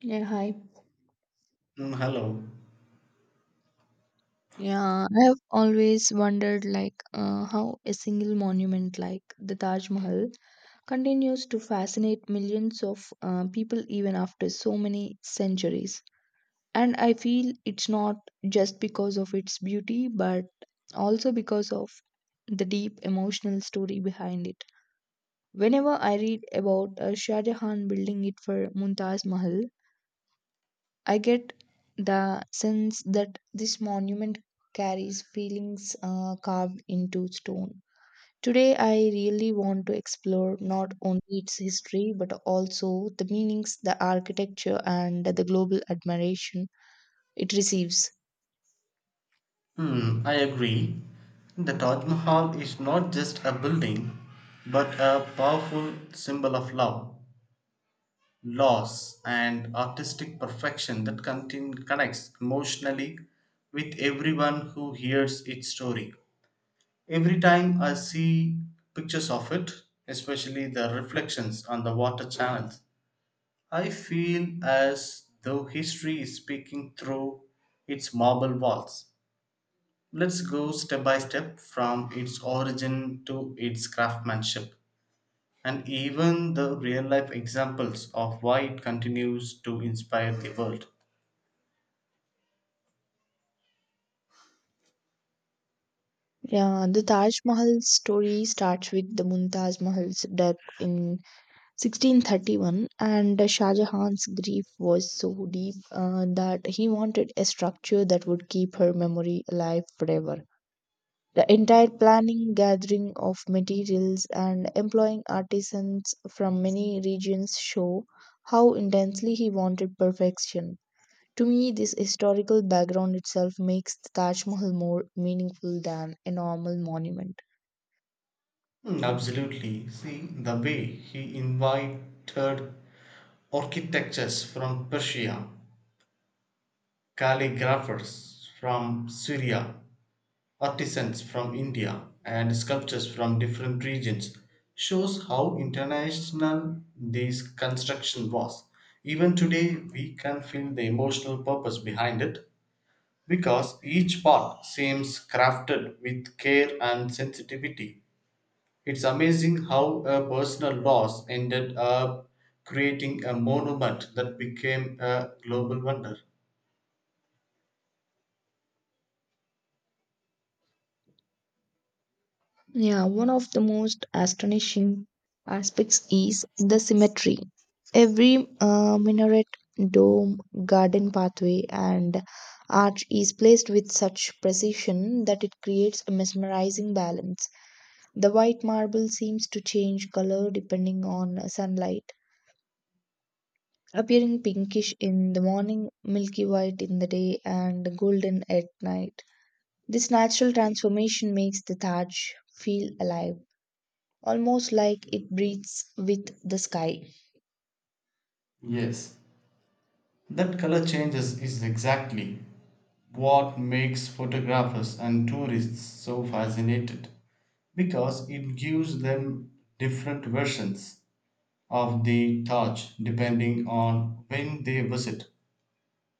Yeah, hi. Mm, hello. Yeah, I have always wondered how a single monument like the Taj Mahal continues to fascinate millions of people even after so many centuries. And I feel it's not just because of its beauty, but also because of the deep emotional story behind it. Whenever I read about Shah Jahan building it for Mumtaz Mahal, I get the sense that this monument carries feelings carved into stone. Today, I really want to explore not only its history but also the meanings, the architecture, and the global admiration it receives. I agree. The Taj Mahal is not just a building, but a powerful symbol of love, loss, and artistic perfection that connects emotionally with everyone who hears its story. Every time I see pictures of it, especially the reflections on the water channels, I feel as though history is speaking through its marble walls. Let's go step by step from its origin to its craftsmanship and even the real life examples of why it continues to inspire the world. Yeah, the Taj Mahal story starts with the Mumtaz Mahal's death in 1631, and Shah Jahan's grief was so deep that he wanted a structure that would keep her memory alive forever. The entire planning, gathering of materials, and employing artisans from many regions show how intensely he wanted perfection. To me, this historical background itself makes the Taj Mahal more meaningful than a normal monument. Absolutely. See, the way he invited architects from Persia, calligraphers from Syria, artisans from India and sculptures from different regions shows how international this construction was. Even today, we can feel the emotional purpose behind it because each part seems crafted with care and sensitivity. It's amazing how a personal loss ended up creating a monument that became a global wonder. Yeah, one of the most astonishing aspects is the symmetry. Every minaret, dome, garden pathway, and arch is placed with such precision that it creates a mesmerizing balance. The white marble seems to change color depending on sunlight, appearing pinkish in the morning, milky white in the day, and golden at night. This natural transformation makes the Taj feel alive, almost like it breathes with the sky. Yes, that color changes is exactly what makes photographers and tourists so fascinated because it gives them different versions of the Taj depending on when they visit.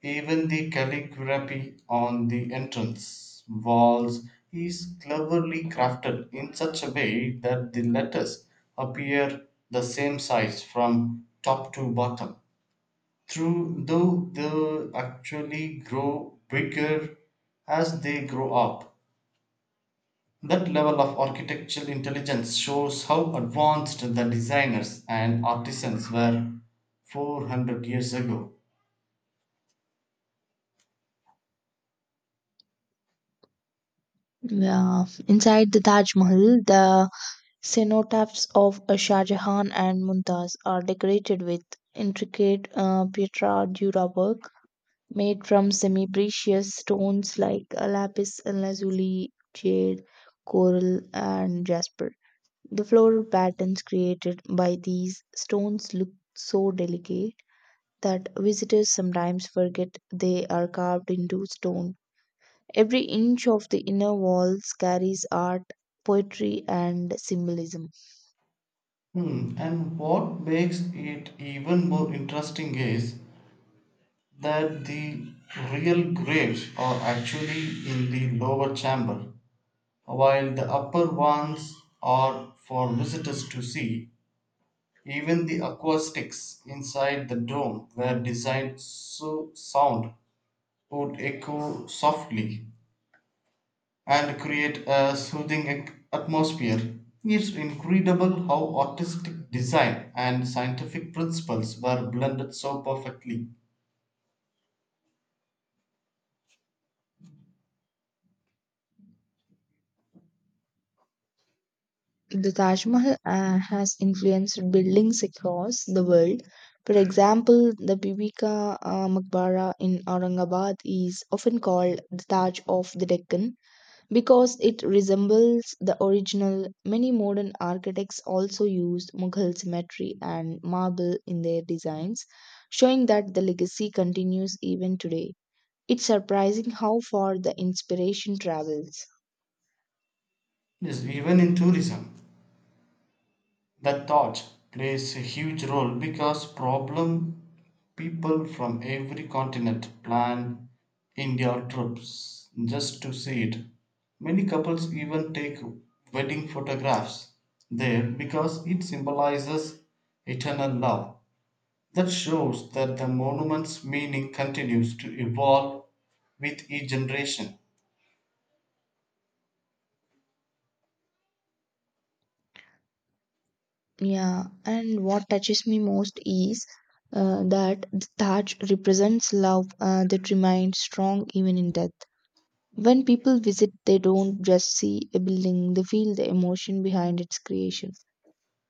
Even the calligraphy on the entrance walls is cleverly crafted in such a way that the letters appear the same size from top to bottom. Though they actually grow bigger as they grow up. That level of architectural intelligence shows how advanced the designers and artisans were 400 years ago. Yeah. Inside the Taj Mahal, the cenotaphs of Shah Jahan and Mumtaz are decorated with intricate pietra dura work made from semi precious stones like lapis lazuli, jade, coral, and jasper. The floral patterns created by these stones look so delicate that visitors sometimes forget they are carved into stone. Every inch of the inner walls carries art, poetry, and symbolism. And what makes it even more interesting is that the real graves are actually in the lower chamber, while the upper ones are for visitors to see. Even the acoustics inside the dome were designed so sound would echo softly and create a soothing atmosphere. It's incredible how artistic design and scientific principles were blended so perfectly. The Taj Mahal has influenced buildings across the world. For example, the Bibi Ka Maqbara in Aurangabad is often called the Taj of the Deccan because it resembles the original. Many modern architects also used Mughal symmetry and marble in their designs, showing that the legacy continues even today. It's surprising how far the inspiration travels. Yes, even in tourism, that thought plays a huge role because problem people from every continent plan India trips just to see it. Many couples even take wedding photographs there because it symbolizes eternal love. That shows that the monument's meaning continues to evolve with each generation. Yeah, and what touches me most is that the Taj represents love that remains strong even in death. When people visit, they don't just see a building, they feel the emotion behind its creation.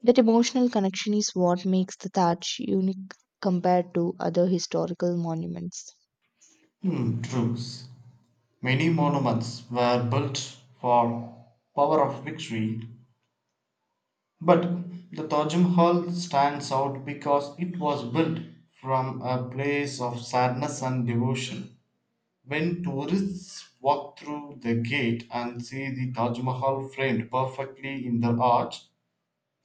That emotional connection is what makes the Taj unique compared to other historical monuments. Hmm, true. Many monuments were built for power of victory. But the Taj Mahal stands out because it was built from a place of sadness and devotion. When tourists walk through the gate and see the Taj Mahal framed perfectly in the arch,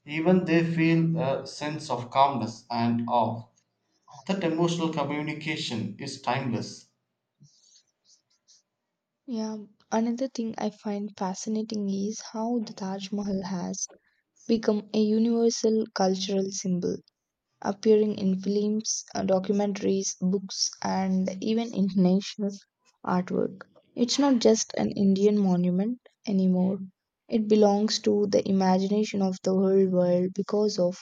even they feel a sense of calmness and awe. That emotional communication is timeless. Yeah, another thing I find fascinating is how the Taj Mahal has become a universal cultural symbol, appearing in films, documentaries, books, and even international artwork. It's not just an Indian monument anymore. It belongs to the imagination of the whole world because of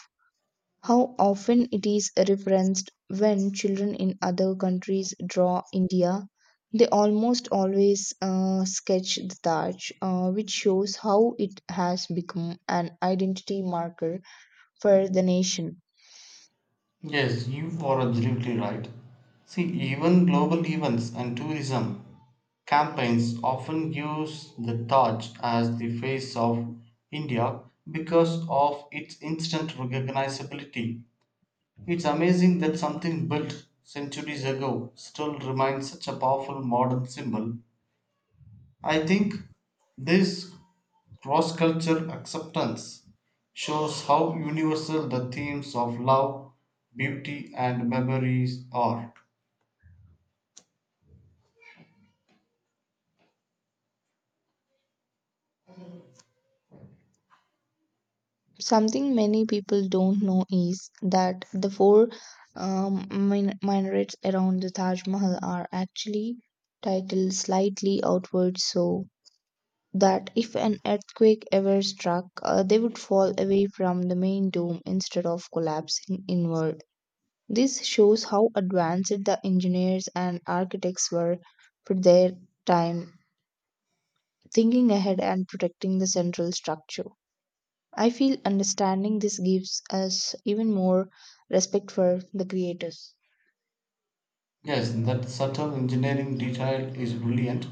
how often it is referenced. When children in other countries draw India, they almost always sketch the Taj, which shows how it has become an identity marker for the nation. Yes, you are absolutely right. See, even global events and tourism campaigns often use the Taj as the face of India because of its instant recognizability. It's amazing that something built centuries ago still remains such a powerful modern symbol. I think this cross cultural acceptance shows how universal the themes of love, beauty, and memories are. Something many people don't know is that the four minarets around the Taj Mahal are actually titled slightly outward, so that if an earthquake ever struck, they would fall away from the main dome instead of collapsing inward. This shows how advanced the engineers and architects were for their time, thinking ahead and protecting the central structure. I feel understanding this gives us even more respect for the creators. Yes, that subtle engineering detail is brilliant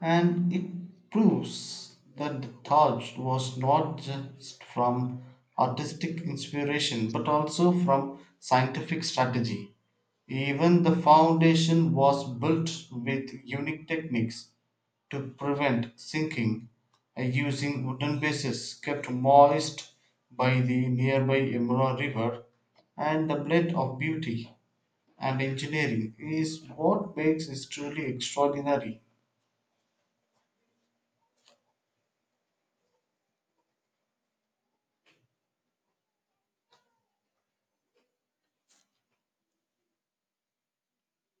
and it proves that the Taj was not just from artistic inspiration but also from scientific strategy. Even the foundation was built with unique techniques to prevent sinking, using wooden bases kept moist by the nearby Yamuna river, and the blend of beauty and engineering is what makes it truly extraordinary.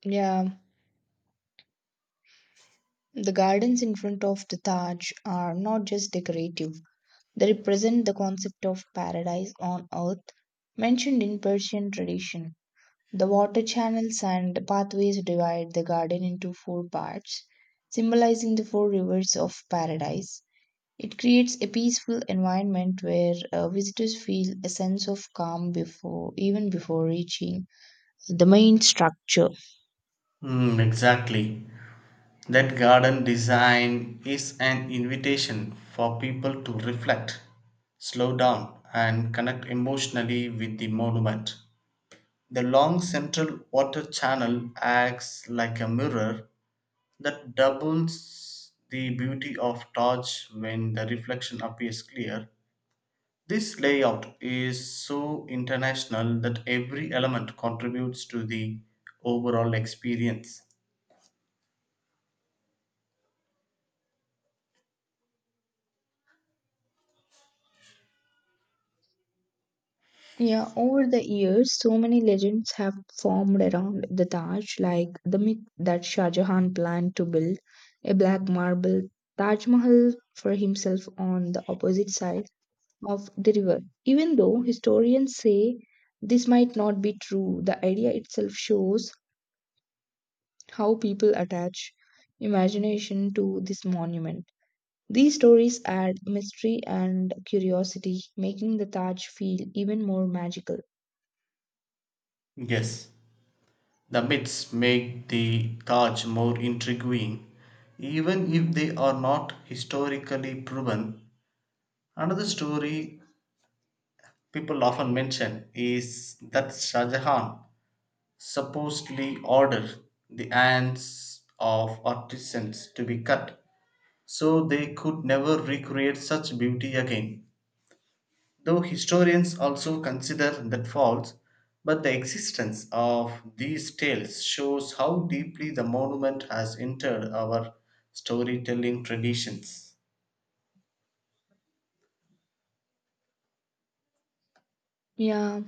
Yeah, the gardens in front of the Taj are not just decorative. They represent the concept of paradise on earth mentioned in Persian tradition. The water channels and pathways divide the garden into four parts, symbolizing the four rivers of paradise. It creates a peaceful environment where visitors feel a sense of calm before even before reaching the main structure. Exactly. That garden design is an invitation for people to reflect, slow down, and connect emotionally with the monument. The long central water channel acts like a mirror that doubles the beauty of torch when the reflection appears clear. This layout is so international that every element contributes to the overall experience. Yeah, over the years, so many legends have formed around the Taj, like the myth that Shah Jahan planned to build a black marble Taj Mahal for himself on the opposite side of the river. Even though historians say this might not be true, the idea itself shows how people attach imagination to this monument. These stories add mystery and curiosity, making the Taj feel even more magical. Yes, the myths make the Taj more intriguing, even if they are not historically proven. Another story people often mention is that Shah Jahan supposedly ordered the hands of artisans to be cut so they could never recreate such beauty again, though historians also consider that false. But the existence of these tales shows how deeply the monument has entered our storytelling traditions. Yeah,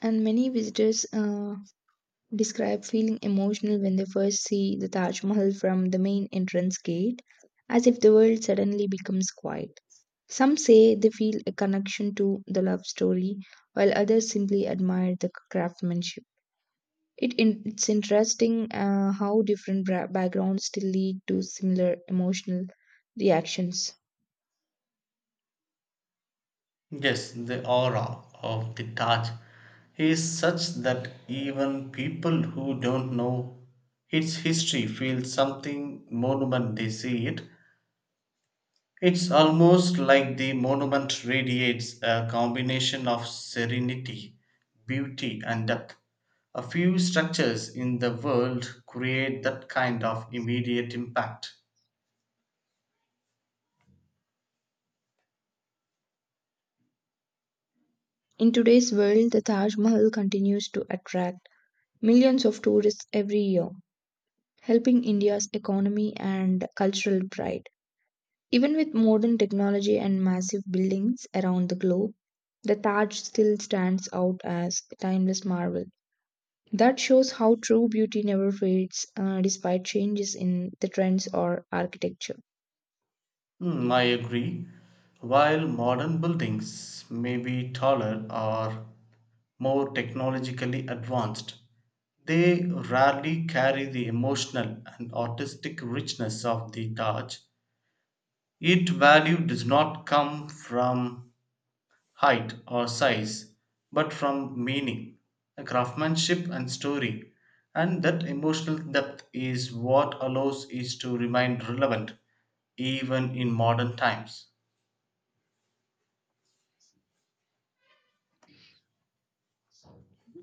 and many visitors describe feeling emotional when they first see the Taj Mahal from the main entrance gate, as if the world suddenly becomes quiet. Some say they feel a connection to the love story, while others simply admire the craftsmanship. It's interesting how different backgrounds still lead to similar emotional reactions. Yes, the aura of the Taj is such that even people who don't know its history feel something monument they see it. It's almost like the monument radiates a combination of serenity, beauty, and depth. A few structures in the world create that kind of immediate impact. In today's world, the Taj Mahal continues to attract millions of tourists every year, helping India's economy and cultural pride. Even with modern technology and massive buildings around the globe, the Taj still stands out as a timeless marvel. That shows how true beauty never fades despite changes in the trends or architecture. I agree. While modern buildings may be taller or more technologically advanced, they rarely carry the emotional and artistic richness of the Taj. Its value does not come from height or size, but from meaning, craftsmanship, and story. And that emotional depth is what allows it to remain relevant even in modern times.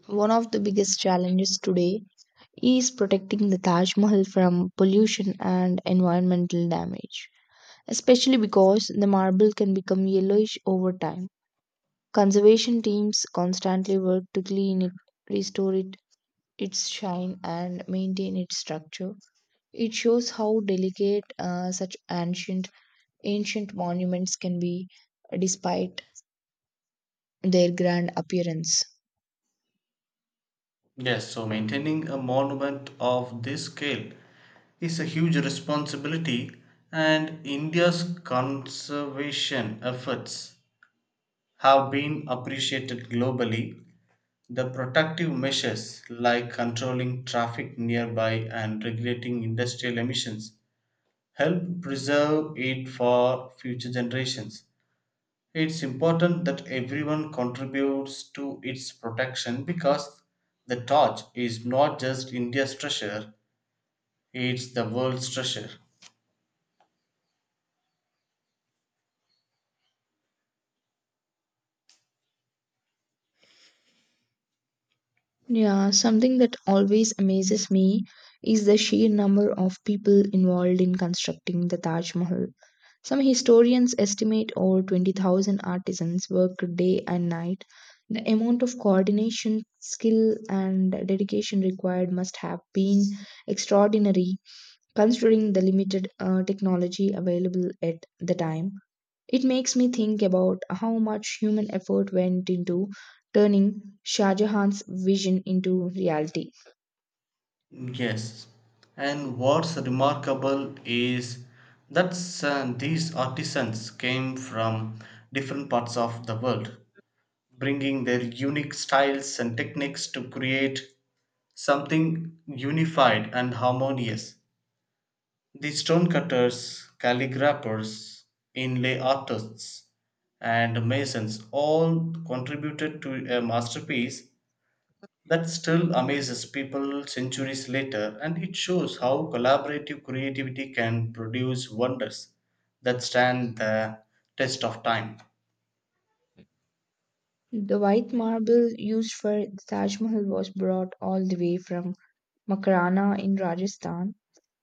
One of the biggest challenges today is protecting the Taj Mahal from pollution and environmental damage, especially because the marble can become yellowish over time. Conservation teams constantly work to clean it, restore it, its shine, and maintain its structure. It shows how delicate such ancient monuments can be despite their grand appearance. Yes, so maintaining a monument of this scale is a huge responsibility, and India's conservation efforts have been appreciated globally. The protective measures like controlling traffic nearby and regulating industrial emissions help preserve it for future generations. It's important that everyone contributes to its protection because the torch is not just India's treasure, it's the world's treasure. Yeah, something that always amazes me is the sheer number of people involved in constructing the Taj Mahal. Some historians estimate over 20,000 artisans worked day and night. The amount of coordination, skill, and dedication required must have been extraordinary, considering the limited technology available at the time. It makes me think about how much human effort went into turning Shah Jahan's vision into reality. Yes. And what's remarkable is that these artisans came from different parts of the world, bringing their unique styles and techniques to create something unified and harmonious. The stonecutters, calligraphers, inlay artists, and masons all contributed to a masterpiece that still amazes people centuries later, and it shows how collaborative creativity can produce wonders that stand the test of time. The white marble used for the Taj Mahal was brought all the way from Makarana in Rajasthan,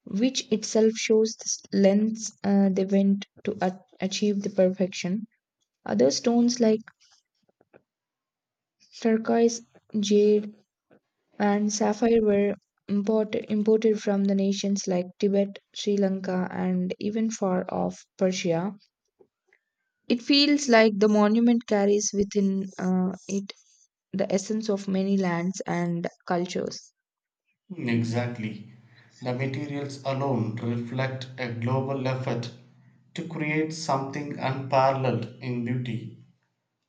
which itself shows the lengths they went to achieve the perfection. Other stones like turquoise, jade, and sapphire were imported from the nations like Tibet, Sri Lanka, and even far off Persia. It feels like the monument carries within it the essence of many lands and cultures. Exactly. The materials alone reflect a global effort to create something unparalleled in beauty.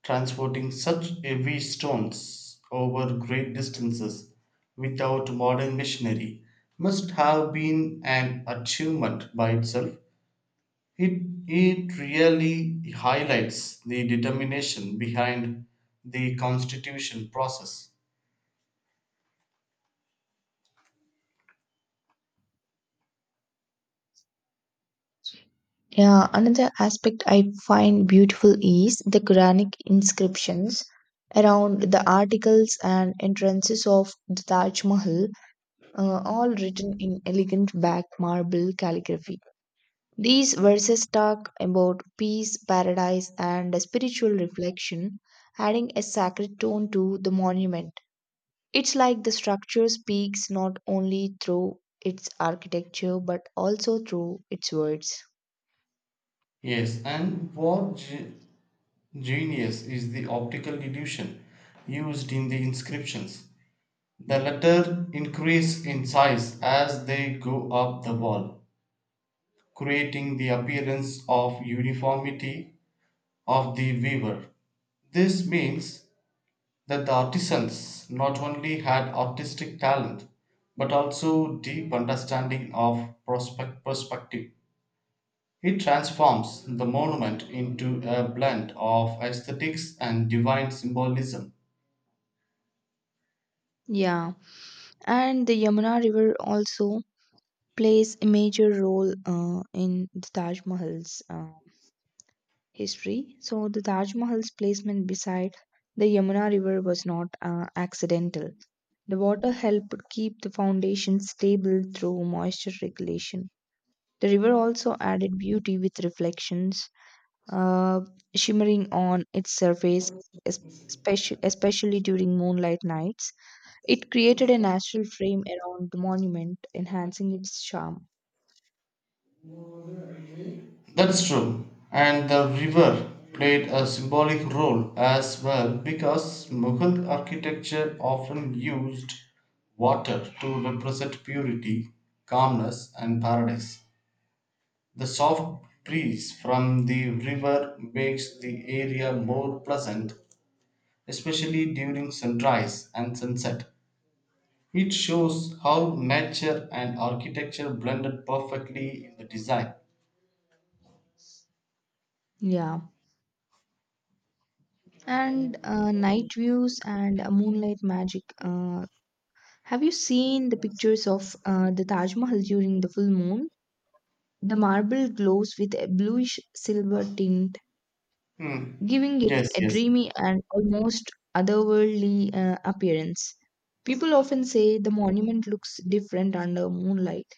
Transporting such heavy stones over great distances without modern machinery must have been an achievement by itself. It, it really highlights the determination behind the constitution process. Yeah, another aspect I find beautiful is the Quranic inscriptions around the articles and entrances of the Taj Mahal, all written in elegant back marble calligraphy. These verses talk about peace, paradise, and spiritual reflection, adding a sacred tone to the monument. It's like the structure speaks not only through its architecture but also through its words. Yes, and what genius is the optical illusion used in the inscriptions? The letters increase in size as they go up the wall creating the appearance of uniformity of the weaver. This means that the artisans not only had artistic talent but also deep understanding of prospect perspective. It transforms the monument into a blend of aesthetics and divine symbolism. Yeah, and the Yamuna River also plays a major role in the Taj Mahal's history. So, the Taj Mahal's placement beside the Yamuna River was not accidental. The water helped keep the foundation stable through moisture regulation. The river also added beauty with reflections uh, shimmering on its surface, especially during moonlight nights. It created a natural frame around the monument, enhancing its charm. That's true. And the river played a symbolic role as well because Mughal architecture often used water to represent purity, calmness, and paradise. The soft breeze from the river makes the area more pleasant, especially during sunrise and sunset. It shows how nature and architecture blended perfectly in the design. Yeah. And night views and moonlight magic. Have you seen the pictures of the Taj Mahal during the full moon? The marble glows with a bluish silver tint, Hmm. giving it Yes, a yes. dreamy and almost otherworldly appearance. People often say the monument looks different under moonlight,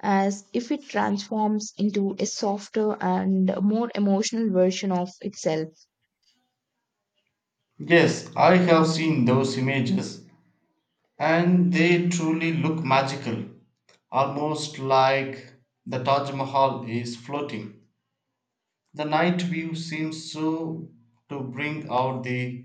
as if it transforms into a softer and more emotional version of itself. Yes, I have seen those images and they truly look magical, almost like the Taj Mahal is floating. The night view seems so to bring out the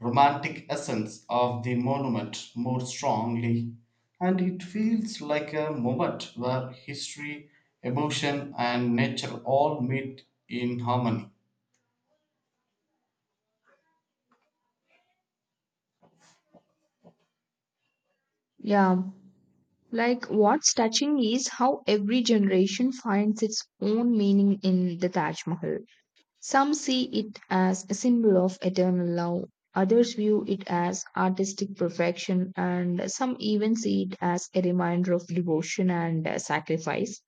romantic essence of the monument more strongly, and it feels like a moment where history, emotion, and nature all meet in harmony. Yeah, like what's touching is how every generation finds its own meaning in the Taj Mahal. Some see it as a symbol of eternal love, others view it as artistic perfection, and some even see it as a reminder of devotion and sacrifice.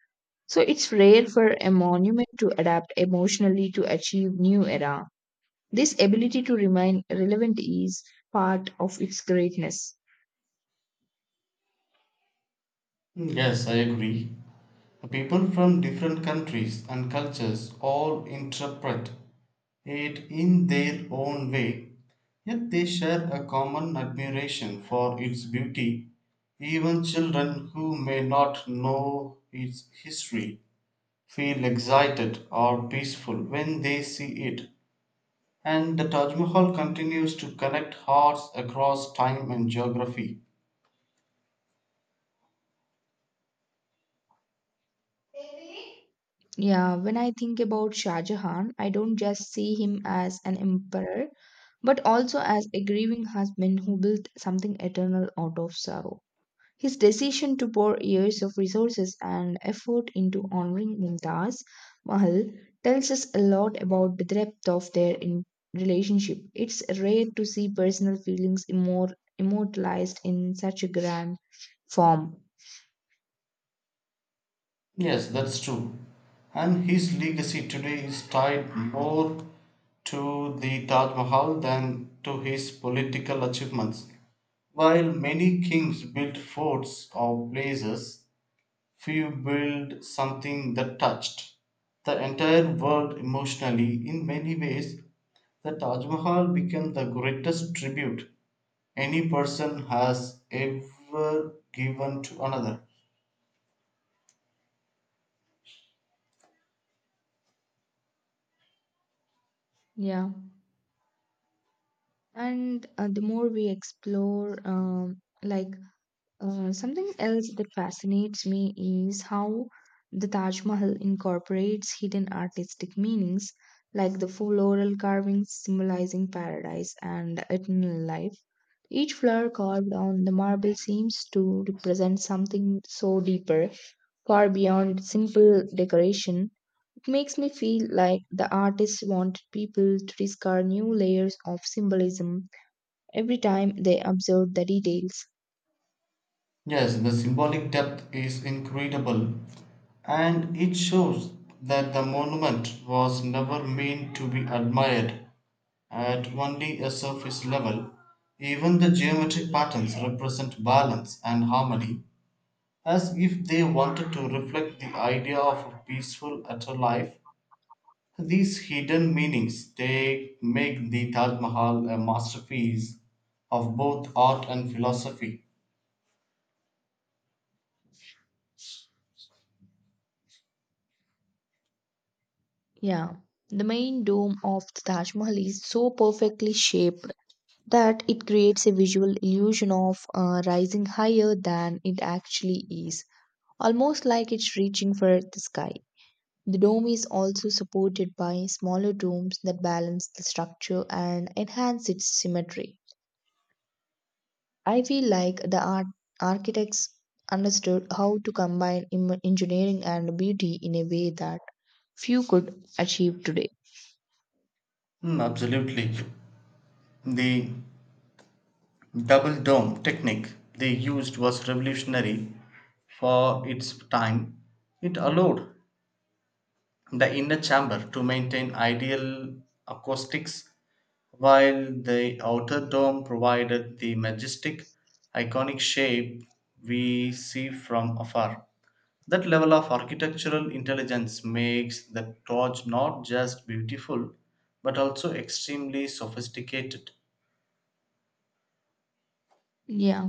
So it's rare for a monument to adapt emotionally to achieve new era. This ability to remain relevant is part of its greatness. Yes, I agree. People from different countries and cultures all interpret it in their own way, yet they share a common admiration for its beauty. Even children who may not know its history feel excited or peaceful when they see it, and the Taj Mahal continues to connect hearts across time and geography. Yeah, when I think about Shah Jahan, I don't just see him as an emperor, but also as a grieving husband who built something eternal out of sorrow. His decision to pour years of resources and effort into honoring Mumtaz Mahal tells us a lot about the depth of their relationship. It's rare to see personal feelings immortalized in such a grand form. Yes, that's true. And his legacy today is tied more to the Taj Mahal than to his political achievements. While many kings built forts or places, few built something that touched the entire world emotionally. In many ways, the Taj Mahal became the greatest tribute any person has ever given to another. Yeah. And the more we explore, like something else that fascinates me is how the Taj Mahal incorporates hidden artistic meanings, like the floral carvings symbolizing paradise and eternal life. Each flower carved on the marble seems to represent something so deeper, far beyond simple decoration. It makes me feel like the artist wanted people to discover new layers of symbolism every time they observed the details. Yes, the symbolic depth is incredible, and it shows that the monument was never meant to be admired at only a surface level. Even the geometric patterns represent balance and harmony, as if they wanted to reflect the idea of a peaceful afterlife. These hidden meanings they make the Taj Mahal a masterpiece of both art and philosophy. Yeah. The main dome of the Taj Mahal is so perfectly shaped that it creates a visual illusion of rising higher than it actually is, almost like it's reaching for the sky. The dome is also supported by smaller domes that balance the structure and enhance its symmetry. I feel like the architects understood how to combine engineering and beauty in a way that few could achieve today. Absolutely. The double dome technique they used was revolutionary for its time. It allowed the inner chamber to maintain ideal acoustics while the outer dome provided the majestic, iconic shape we see from afar. That level of architectural intelligence makes the torch not just beautiful but also extremely sophisticated. Yeah.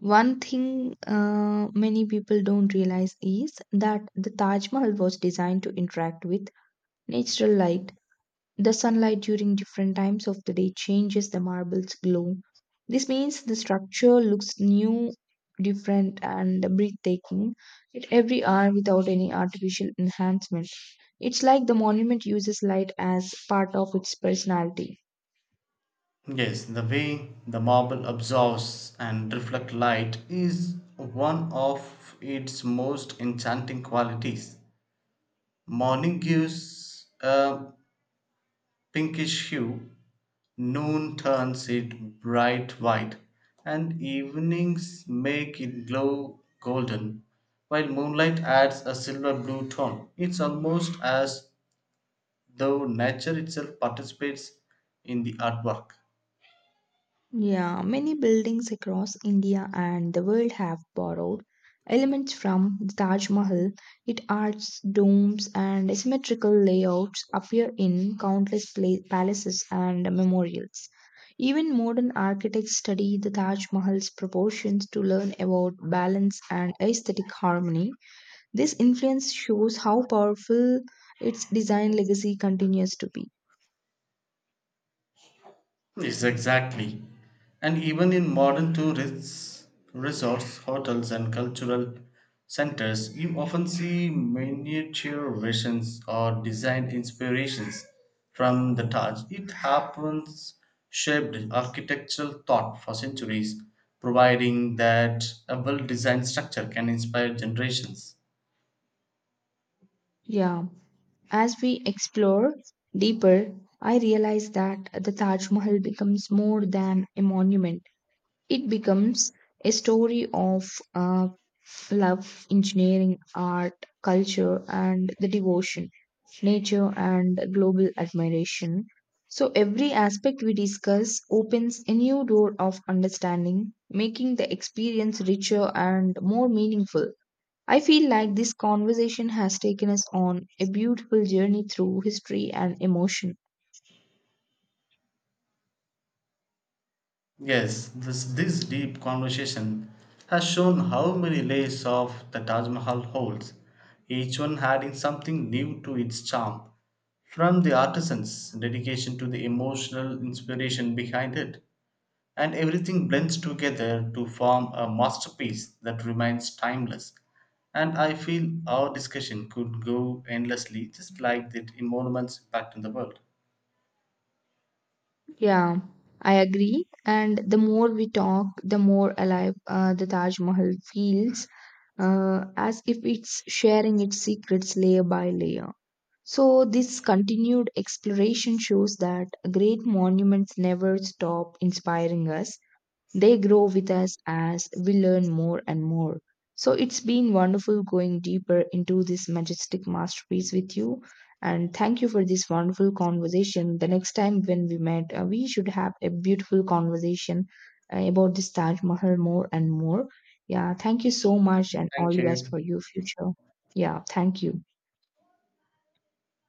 One thing many people don't realize is that the Taj Mahal was designed to interact with natural light. The sunlight during different times of the day changes the marble's glow. This means the structure looks new, different, and breathtaking at every hour without any artificial enhancement. It's like the monument uses light as part of its personality. Yes, the way the marble absorbs and reflects light is one of its most enchanting qualities. Morning gives a pinkish hue, noon turns it bright white, and evenings make it glow golden, while moonlight adds a silver blue tone. It's almost as though nature itself participates in the artwork. Yeah, many buildings across India and the world have borrowed elements from the Taj Mahal. Its arches, domes, and asymmetrical layouts appear in countless palaces and memorials. Even modern architects study the Taj Mahal's proportions to learn about balance and aesthetic harmony. This influence shows how powerful its design legacy continues to be. Yes, exactly. And even in modern tourists, resorts, hotels, and cultural centers, you often see miniature versions or design inspirations from the Taj. It happens shaped architectural thought for centuries, providing that a well designed structure can inspire generations. Yeah. As we explore deeper, I realize that the Taj Mahal becomes more than a monument. It becomes a story of uh, love, engineering, art, culture, and the devotion, nature, and global admiration. So, every aspect we discuss opens a new door of understanding, making the experience richer and more meaningful. I feel like this conversation has taken us on a beautiful journey through history and emotion. Yes, this deep conversation has shown how many layers of the Taj Mahal holds, each one adding something new to its charm. From the artisan's dedication to the emotional inspiration behind it, and everything blends together to form a masterpiece that remains timeless. And I feel our discussion could go endlessly, just like the monuments impact in the world. Yeah, I agree. And the more we talk, the more alive the Taj Mahal feels, as if it's sharing its secrets layer by layer. So, this continued exploration shows that great monuments never stop inspiring us. They grow with us as we learn more and more. So it's been wonderful going deeper into this majestic masterpiece with you. And thank you for this wonderful conversation. The next time when we met, we should have a beautiful conversation about this Taj Mahal more and more. Yeah, thank you so much and all Thank the best you. for your future. Yeah, thank you.